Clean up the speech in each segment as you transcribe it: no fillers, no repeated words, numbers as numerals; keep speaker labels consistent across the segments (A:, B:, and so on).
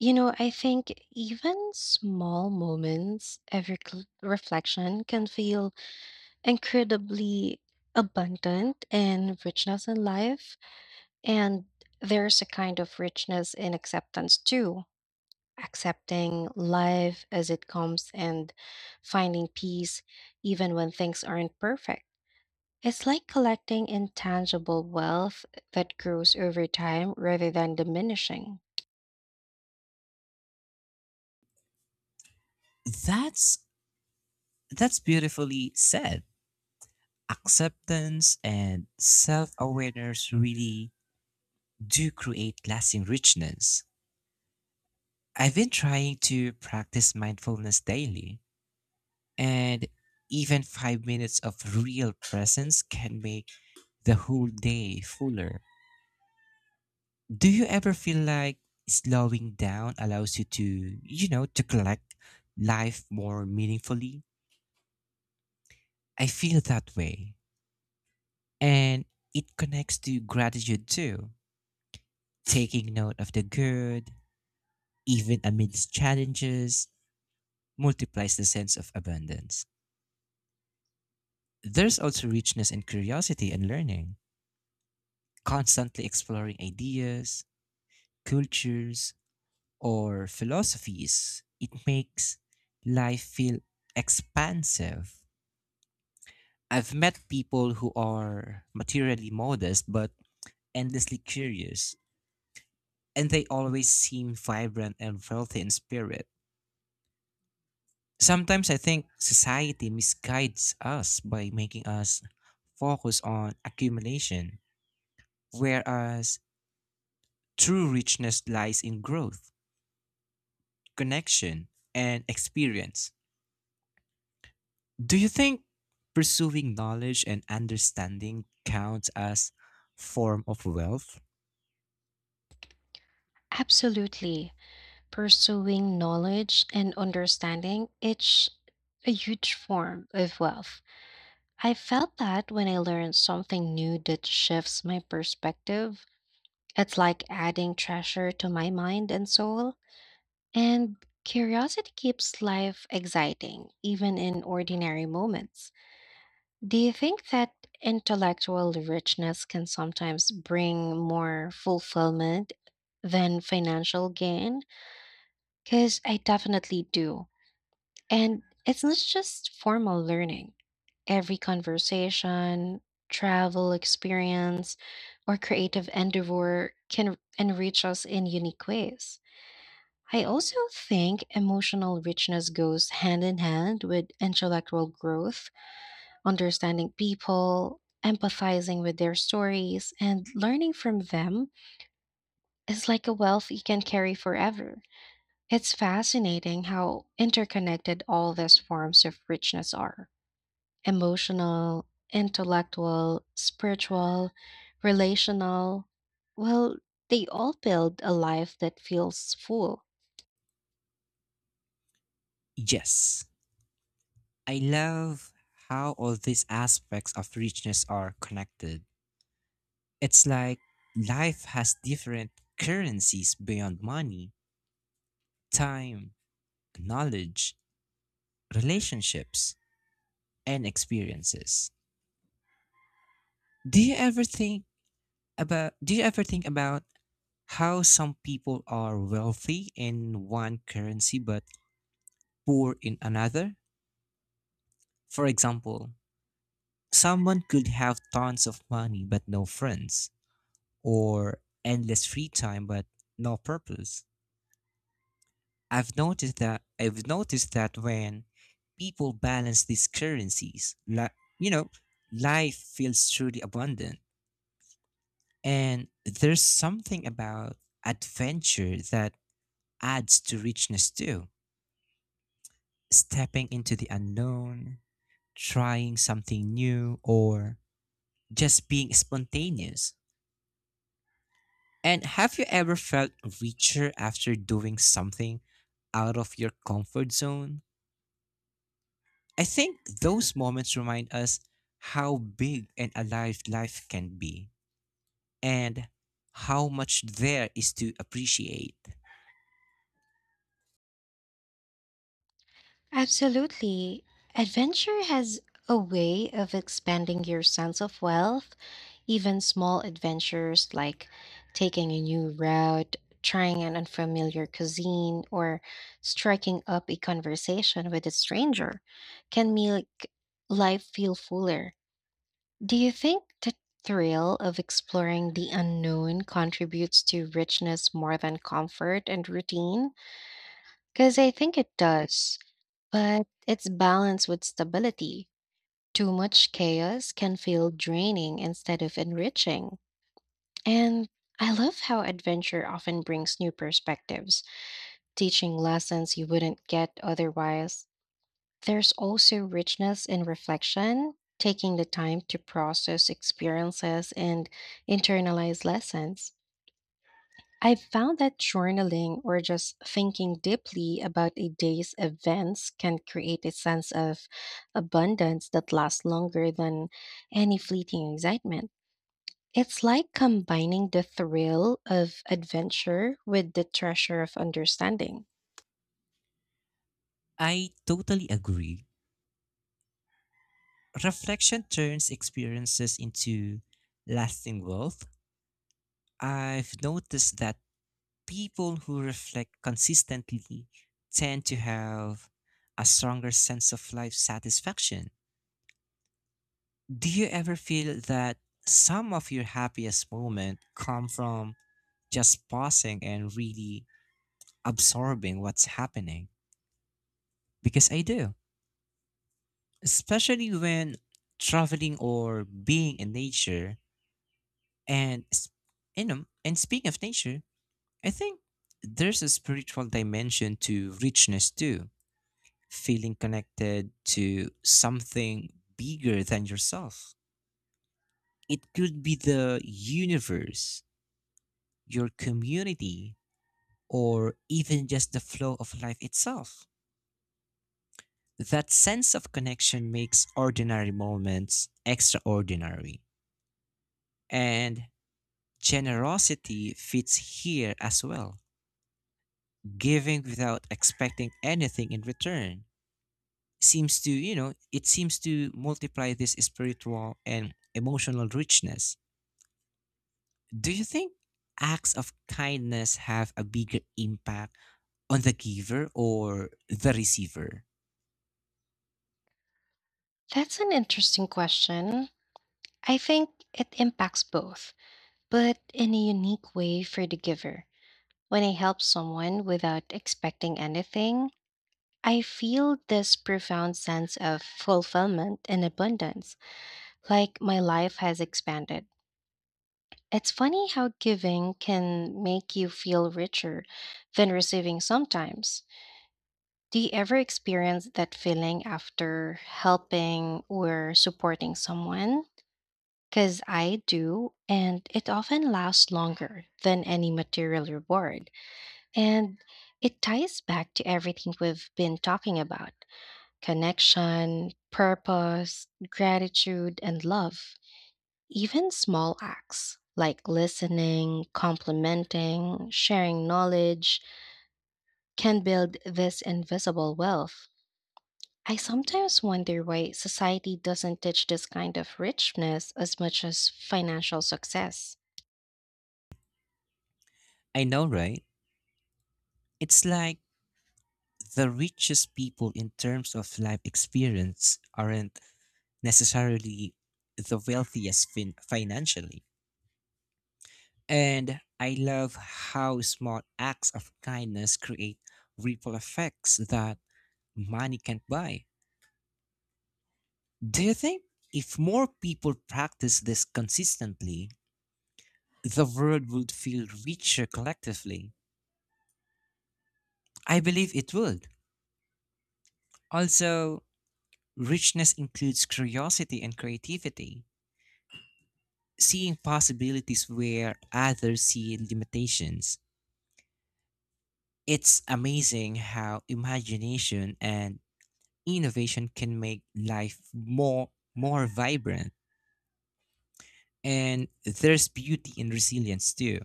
A: You know, I think even small moments of reflection can feel incredibly abundant in richness in life. And there's a kind of richness in acceptance too, accepting life as it comes and finding peace even when things aren't perfect. It's like collecting intangible wealth that grows over time rather than diminishing.
B: That's that's beautifully said. Acceptance and self-awareness really do create lasting richness. I've been trying to practice mindfulness daily, and even 5 minutes of real presence can make the whole day fuller. Do you ever feel like slowing down allows you to, to collect life more meaningfully? I feel that way. And it connects to gratitude too. Taking note of the good, even amidst challenges, multiplies the sense of abundance. There's also richness in curiosity and learning, constantly exploring ideas, cultures, or philosophies. It makes life feel expansive. I've met people who are materially modest but endlessly curious, and they always seem vibrant and healthy in spirit. Sometimes I think society misguides us by making us focus on accumulation, whereas true richness lies in growth, connection, and experience. Do you think pursuing knowledge and understanding counts as form of wealth?
A: Absolutely. Pursuing knowledge and understanding, it's a huge form of wealth. I felt that when I learned something new that shifts my perspective, it's like adding treasure to my mind and soul. And curiosity keeps life exciting, even in ordinary moments. Do you think that intellectual richness can sometimes bring more fulfillment than financial gain? Because I definitely do. And it's not just formal learning. Every conversation, travel experience, or creative endeavor can enrich us in unique ways. I also think emotional richness goes hand in hand with intellectual growth, understanding people, empathizing with their stories, and learning from them is like a wealth you can carry forever. It's fascinating how interconnected all these forms of richness are: emotional, intellectual, spiritual, relational. Well, they all build a life that feels full.
B: Yes. I love how all these aspects of richness are connected. It's like life has different currencies beyond money, time, knowledge, relationships, and experiences. Do you ever think about do you ever think about how some people are wealthy in one currency but poor in another? For example, someone could have tons of money but no friends or endless free time but no purpose. I've noticed that when people balance these currencies, you know, life feels truly abundant. And there's something about adventure that adds to richness too. Stepping into the unknown, trying something new, or just being spontaneous. And have you ever felt richer after doing something out of your comfort zone? I think those moments remind us how big and alive life can be and how much there is to appreciate.
A: Absolutely. Adventure has a way of expanding your sense of wealth. Even small adventures like taking a new route, trying an unfamiliar cuisine, or striking up a conversation with a stranger can make life feel fuller. Do you think the thrill of exploring the unknown contributes to richness more than comfort and routine? Because I think it does, but it's balanced with stability. Too much chaos can feel draining instead of enriching. And I love how adventure often brings new perspectives, teaching lessons you wouldn't get otherwise. There's also richness in reflection, taking the time to process experiences and internalize lessons. I've found that journaling or just thinking deeply about a day's events can create a sense of abundance that lasts longer than any fleeting excitement. It's like combining the thrill of adventure with the treasure of understanding.
B: I totally agree. Reflection turns experiences into lasting wealth. I've noticed that people who reflect consistently tend to have a stronger sense of life satisfaction. Do you ever feel that some of your happiest moments come from just pausing and really absorbing what's happening? Because I do, especially when traveling or being in nature and s- you know, and speaking of nature, I think there's a spiritual dimension to richness too, feeling connected to something bigger than yourself. It could be the universe, your community, or even just the flow of life itself. That sense of connection makes ordinary moments extraordinary. And generosity fits here as well, giving without expecting anything in return seems to, you know, it seems to multiply this spiritual and emotional richness. Do you think acts of kindness have a bigger impact on the giver or the receiver?
A: That's an interesting question. I think it impacts both, but in a unique way for the giver. When I help someone without expecting anything, I feel this profound sense of fulfillment and abundance, like my life has expanded. It's funny how giving can make you feel richer than receiving sometimes. Do you ever experience that feeling after helping or supporting someone? Because I do, and it often lasts longer than any material reward. And it ties back to everything we've been talking about: connection, purpose, gratitude, and love. Even small acts like listening, complimenting, sharing knowledge can build this invisible wealth. I sometimes wonder why society doesn't teach this kind of richness as much as financial success.
B: I know, right? It's like the richest people in terms of life experience aren't necessarily the wealthiest financially. And I love how small acts of kindness create ripple effects that money can't buy. Do you think if more people practice this consistently, the world would feel richer collectively? I believe it would. Also, richness includes curiosity and creativity, seeing possibilities where others see limitations. It's amazing how imagination and innovation can make life more vibrant, and there's beauty in resilience too,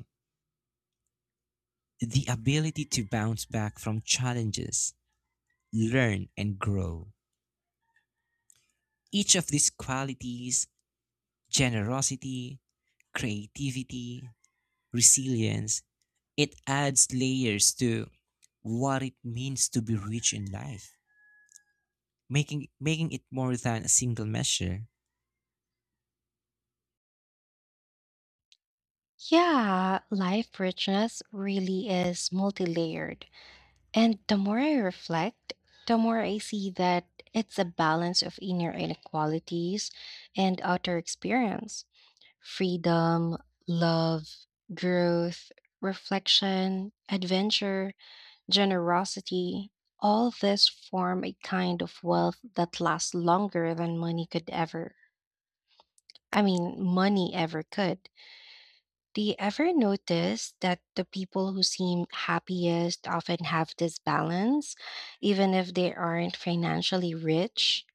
B: the ability to bounce back from challenges, learn, and grow. Each of these qualities, generosity, creativity, resilience, it adds layers to what it means to be rich in life, making it more than a single measure.
A: Yeah, life richness really is multi layered. And the more I reflect, the more I see that it's a balance of inner inequalities and outer experience, freedom, love, growth, reflection, adventure, generosity. All this form a kind of wealth that lasts longer than money ever could. Do you ever notice that the people who seem happiest often have this balance, even if they aren't financially rich?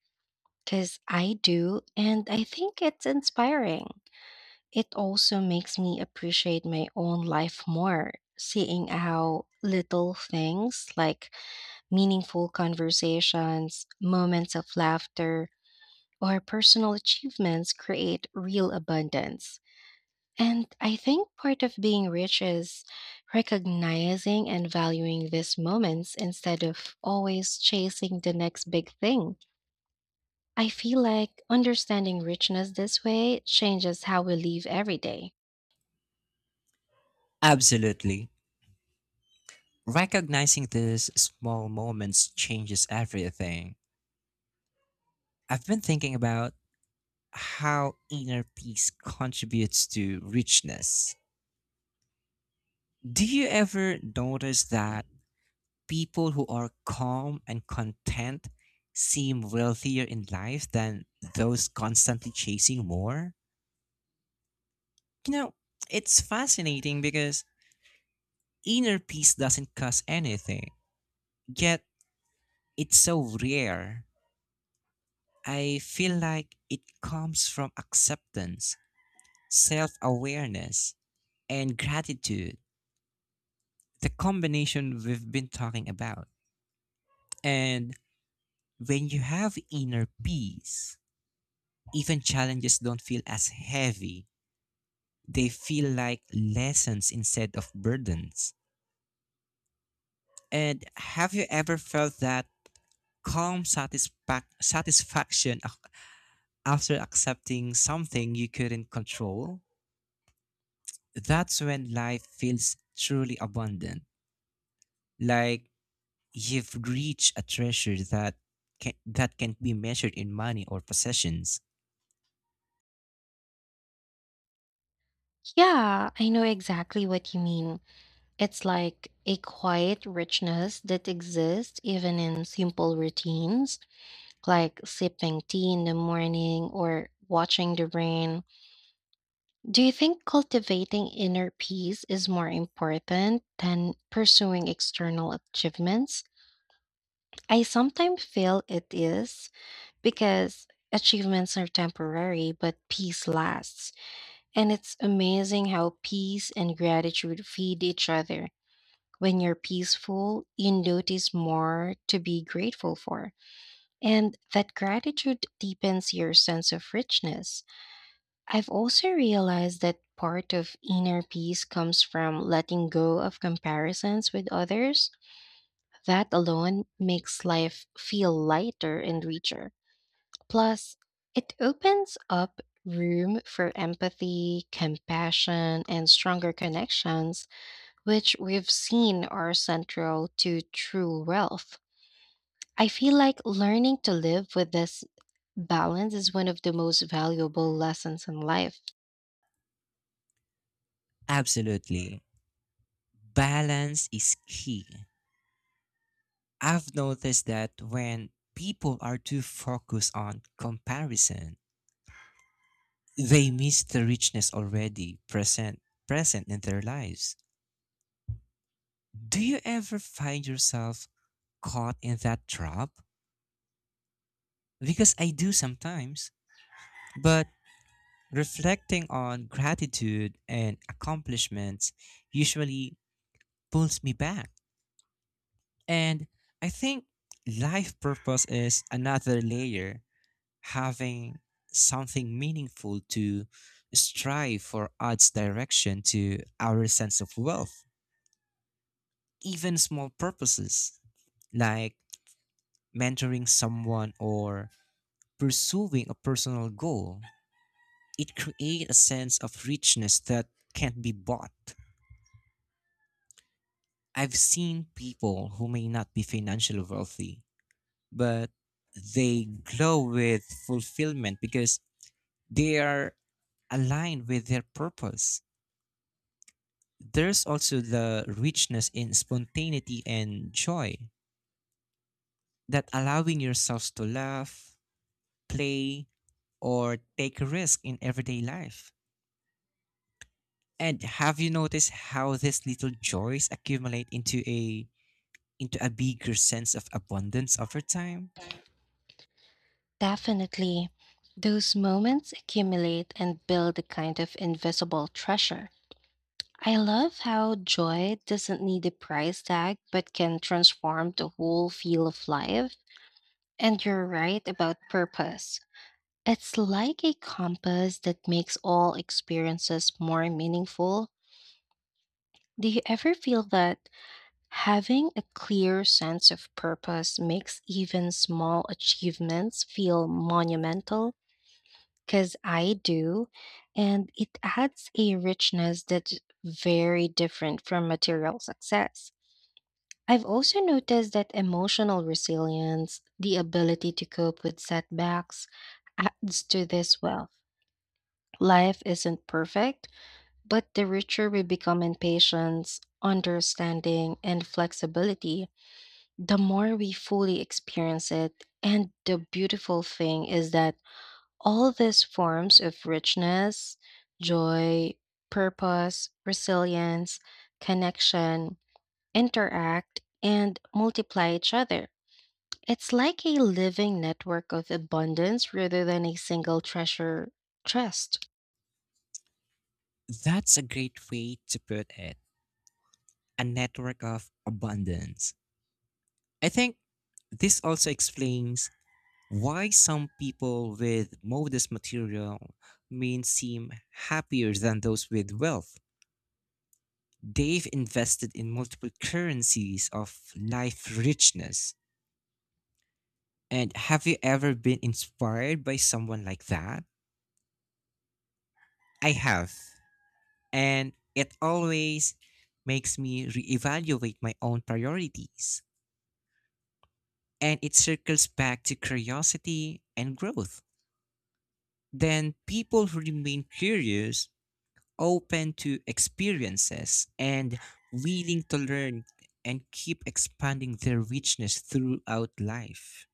A: Because I do, and I think it's inspiring. It also makes me appreciate my own life more, seeing how little things like meaningful conversations, moments of laughter, or personal achievements create real abundance. And I think part of being rich is recognizing and valuing these moments instead of always chasing the next big thing. I feel like understanding richness this way changes how we live every day.
B: Absolutely. Recognizing these small moments changes everything. I've been thinking about how inner peace contributes to richness. Do you ever notice that people who are calm and content seem wealthier in life than those constantly chasing more? You know, it's fascinating because inner peace doesn't cost anything, yet it's so rare. I feel like it comes from acceptance, self awareness, and gratitude, the combination we've been talking about. And when you have inner peace, even challenges don't feel as heavy. They feel like lessons instead of burdens. And have you ever felt that calm satisfaction after accepting something you couldn't control? That's when life feels truly abundant. Like you've reached a treasure that that can't be measured in money or possessions.
A: Yeah, I know exactly what you mean. It's like a quiet richness that exists even in simple routines, like sipping tea in the morning or watching the rain. Do you think cultivating inner peace is more important than pursuing external achievements? I sometimes feel it is, because achievements are temporary, but peace lasts. And it's amazing how peace and gratitude feed each other. When you're peaceful, you notice more to be grateful for. And that gratitude deepens your sense of richness. I've also realized that part of inner peace comes from letting go of comparisons with others. That alone makes life feel lighter and richer. Plus, it opens up room for empathy, compassion, and stronger connections, which we've seen are central to true wealth. I feel like learning to live with this balance is one of the most valuable lessons in life.
B: Absolutely. Balance is key. I've noticed that when people are too focused on comparison, they miss the richness already present in their lives. Do you ever find yourself caught in that trap? Because I do sometimes. But reflecting on gratitude and accomplishments usually pulls me back. And I think life purpose is another layer, having something meaningful to strive for adds direction to our sense of wealth. Even small purposes like mentoring someone or pursuing a personal goal, it creates a sense of richness that can't be bought. I've seen people who may not be financially wealthy, but they glow with fulfillment because they are aligned with their purpose. There's also the richness in spontaneity and joy, that allowing yourselves to laugh, play, or take a risk in everyday life. And have you noticed how these little joys accumulate into a bigger sense of abundance over time?
A: Definitely. Those moments accumulate and build a kind of invisible treasure. I love how joy doesn't need a price tag but can transform the whole feel of life. And you're right about purpose. It's like a compass that makes all experiences more meaningful. Do you ever feel that having a clear sense of purpose makes even small achievements feel monumental? Because I do, and it adds a richness that's very different from material success. I've also noticed that emotional resilience, the ability to cope with setbacks, adds to this wealth. Life isn't perfect, but the richer we become in patience, understanding, and flexibility, the more we fully experience it. And the beautiful thing is that all these forms of richness, joy, purpose, resilience, connection, interact, and multiply each other. It's like a living network of abundance rather than a single treasure chest.
B: That's a great way to put it, a network of abundance. I think this also explains why some people with modest material means seem happier than those with wealth. They've invested in multiple currencies of life richness. And have you ever been inspired by someone like that? I have. And it always makes me reevaluate my own priorities. And it circles back to curiosity and growth, then people who remain curious, open to experiences, and willing to learn and keep expanding their richness throughout life.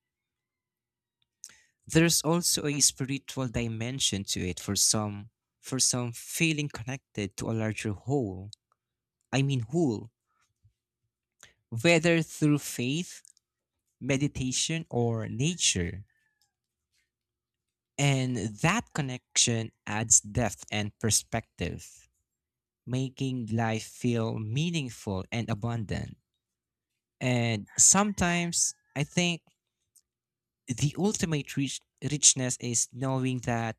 B: There's also a spiritual dimension to it for some, feeling connected to a larger whole. I mean, whole, whether through faith, meditation, or nature. And that connection adds depth and perspective, making life feel meaningful and abundant. And sometimes I think the ultimate richness is knowing that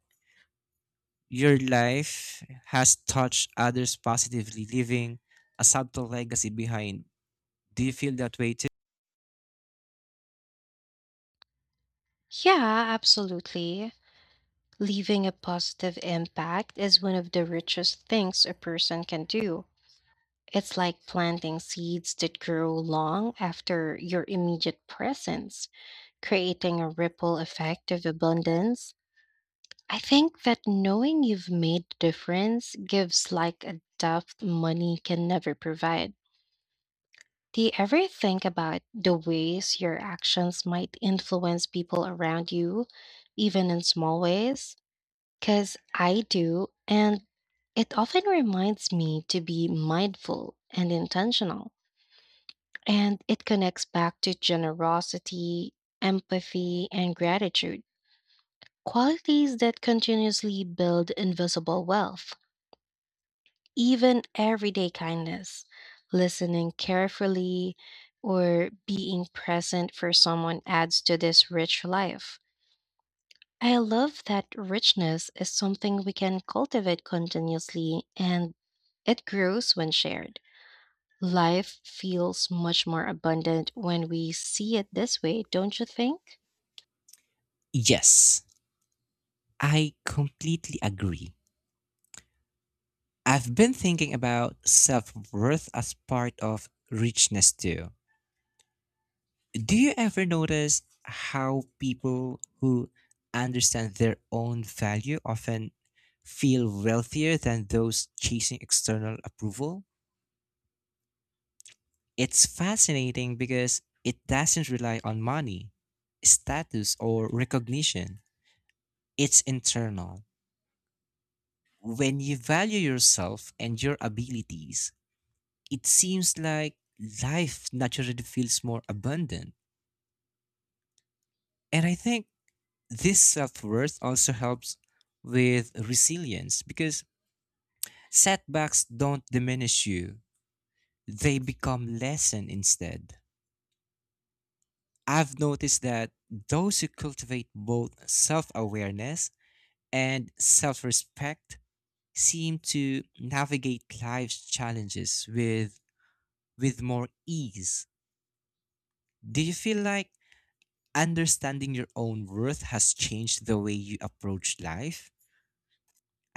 B: your life has touched others positively, leaving a subtle legacy behind. Do you feel that way too?
A: Yeah, absolutely. Leaving a positive impact is one of the richest things a person can do. It's like planting seeds that grow long after your immediate presence, creating a ripple effect of abundance. I think that knowing you've made a difference gives like a depth money can never provide. Do you ever think about the ways your actions might influence people around you, even in small ways? Because I do, and it often reminds me to be mindful and intentional. And it connects back to generosity, empathy, and gratitude. Qualities that continuously build invisible wealth, even everyday kindness, listening carefully, or being present for someone adds to this rich life. I love that richness is something we can cultivate continuously and it grows when shared. Life feels much more abundant when we see it this way, don't you think?
B: Yes, I completely agree. I've been thinking about self worth as part of richness too. Do you ever notice how people who understand their own value often feel wealthier than those chasing external approval? It's fascinating because it doesn't rely on money, status, or recognition. It's internal. When you value yourself and your abilities, it seems like life naturally feels more abundant. And I think this self worth also helps with resilience because setbacks don't diminish you, they become lesson instead. I've noticed that those who cultivate both self awareness and self respect seem to navigate life's challenges with more ease. Do you feel like understanding your own worth has changed the way you approach life?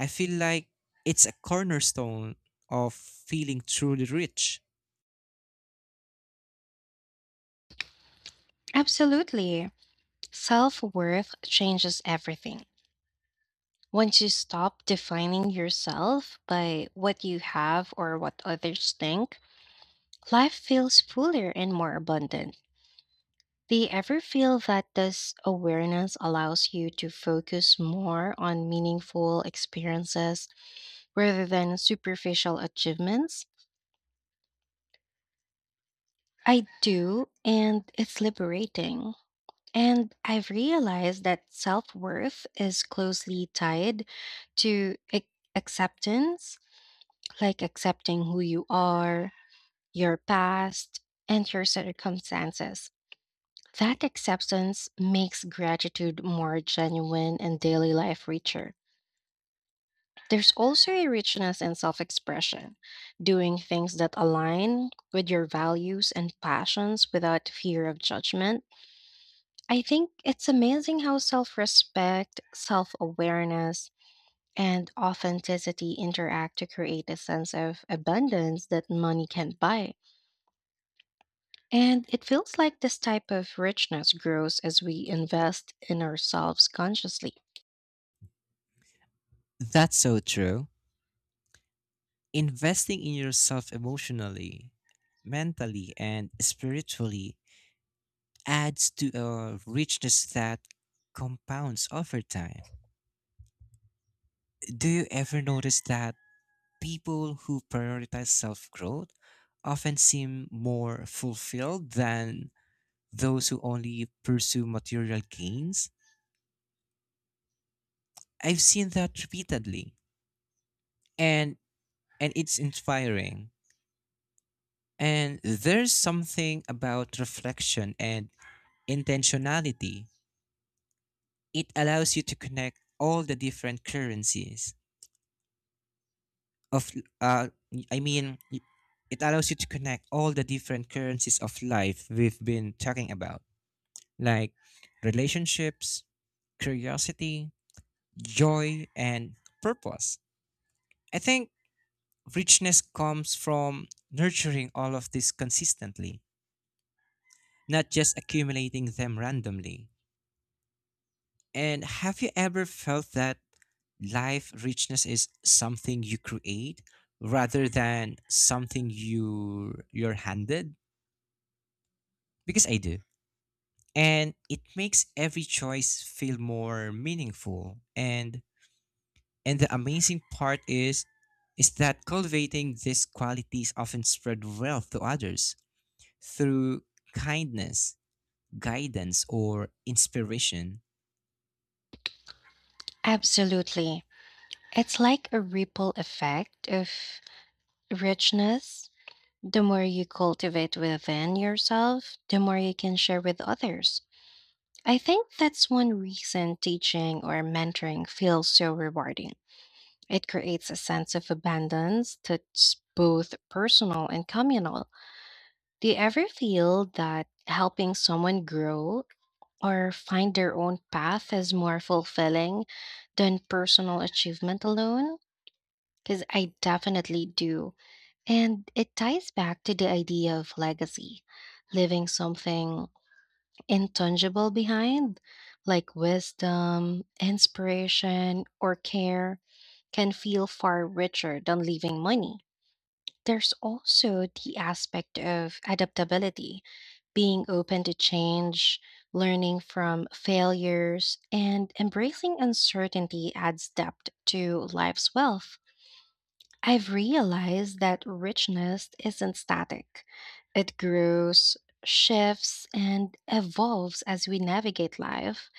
B: I feel like it's a cornerstone of feeling truly rich.
A: Absolutely. Self worth changes everything. Once you stop defining yourself by what you have or what others think, life feels fuller and more abundant. Do you ever feel that this awareness allows you to focus more on meaningful experiences rather than superficial achievements? I do, and it's liberating. And I've realized that self worth is closely tied to acceptance, like accepting who you are, your past, and your circumstances. That acceptance makes gratitude more genuine and daily life richer. There's also a richness in self expression, doing things that align with your values and passions without fear of judgment. I think it's amazing how self respect, self awareness, and authenticity interact to create a sense of abundance that money can't buy. And it feels like this type of richness grows as we invest in ourselves consciously.
B: That's so true. Investing in yourself emotionally, mentally, and spiritually adds to a richness that compounds over time. Do you ever notice that people who prioritize self growth often seem more fulfilled than those who only pursue material gains? I've seen that repeatedly. And and it's inspiring. And there's something about reflection and intentionality. It allows you to connect all the different currencies of, uh, I mean, it allows you to connect all the different currencies of life we've been talking about, like relationships, curiosity, joy, and purpose. I think richness comes from nurturing all of this consistently, not just accumulating them randomly. And have you ever felt that life richness is something you create rather than something you're handed? Because I do. And it makes every choice feel more meaningful. And the amazing part is that cultivating these qualities often spread wealth to others through kindness, guidance, or inspiration.
A: Absolutely. It's like a ripple effect of richness. The more you cultivate within yourself, the more you can share with others. I think that's one reason teaching or mentoring feels so rewarding. It creates a sense of abundance that's both personal and communal. Do you ever feel that helping someone grow or find their own path is more fulfilling than personal achievement alone? Because I definitely do. And it ties back to the idea of legacy. Leaving something intangible behind, like wisdom, inspiration, or care, can feel far richer than leaving money. There's also the aspect of adaptability, being open to change, learning from failures, and embracing uncertainty adds depth to life's wealth. I've realized that richness isn't static. It grows, shifts, and evolves as we navigate life.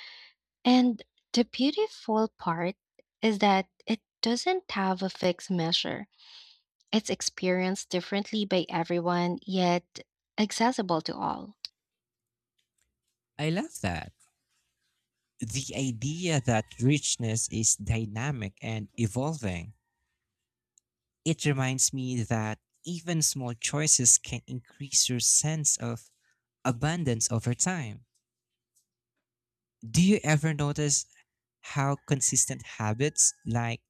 A: And the beautiful part is that it doesn't have a fixed measure. It's experienced differently by everyone, yet accessible to all.
B: I love that, the idea that richness is dynamic and evolving. It reminds me that even small choices can increase your sense of abundance over time. Do you ever notice how consistent habits like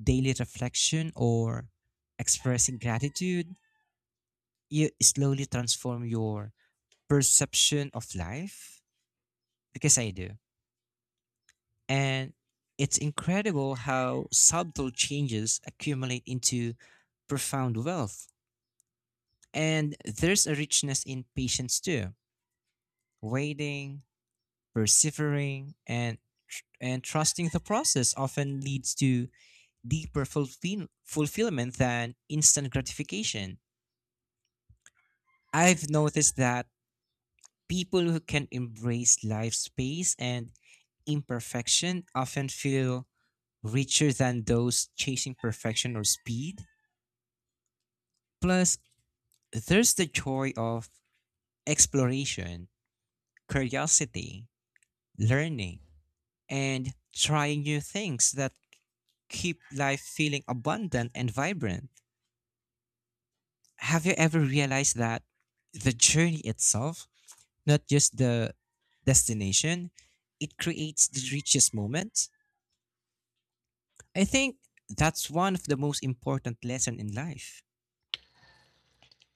B: daily reflection or expressing gratitude you slowly transform your perception of life? Because I do. And it's incredible how subtle changes accumulate into profound wealth. And there's a richness in patience too, waiting, persevering, and and trusting the process often leads to deeper fulfillment than instant gratification. I've noticed that people who can embrace life's pace and imperfection often feel richer than those chasing perfection or speed. Plus, there's the joy of exploration, curiosity, learning, and trying new things that keep life feeling abundant and vibrant. Have you ever realized that the journey itself, not just the destination, it creates the richest moments? I think that's one of the most important lesson in life.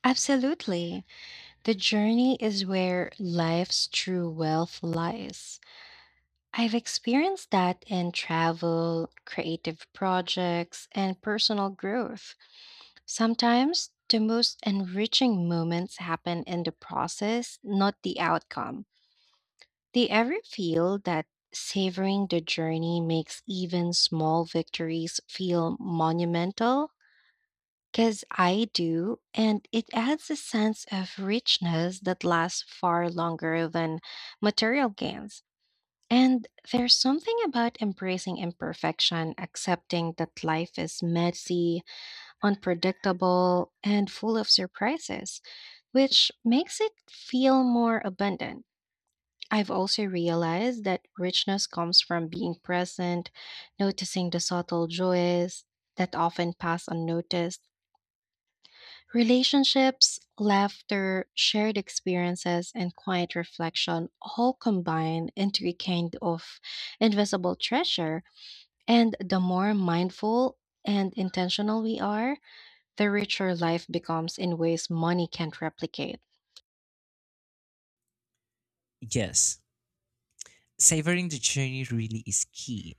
A: Absolutely. The journey is where life's true wealth lies. I've experienced that in travel, creative projects, and personal growth. Sometimes the most enriching moments happen in the process, not the outcome. Do you ever feel that savoring the journey makes even small victories feel monumental? Because I do, and it adds a sense of richness that lasts far longer than material gains. And there's something about embracing imperfection, accepting that life is messy, unpredictable, and full of surprises, which makes it feel more abundant. I've also realized that richness comes from being present, noticing the subtle joys that often pass unnoticed. Relationships, laughter, shared experiences, and quiet reflection all combine into a kind of invisible treasure. And the more mindful and intentional we are, the richer life becomes in ways money can't replicate.
B: Yes, savoring the journey really is key.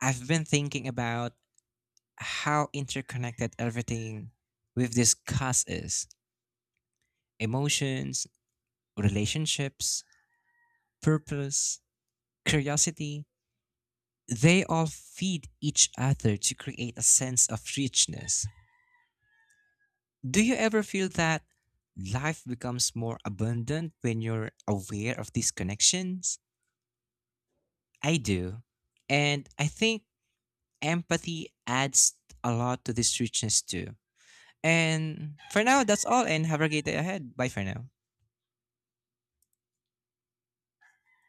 B: I've been thinking about how interconnected everything we've discussed is, emotions, relationships, purpose, curiosity, they all feed each other to create a sense of richness. Do you ever feel that life becomes more abundant when you're aware of these connections? I do. And I think empathy adds a lot to this richness too. And for now, that's all, and have a great day ahead. Bye for now.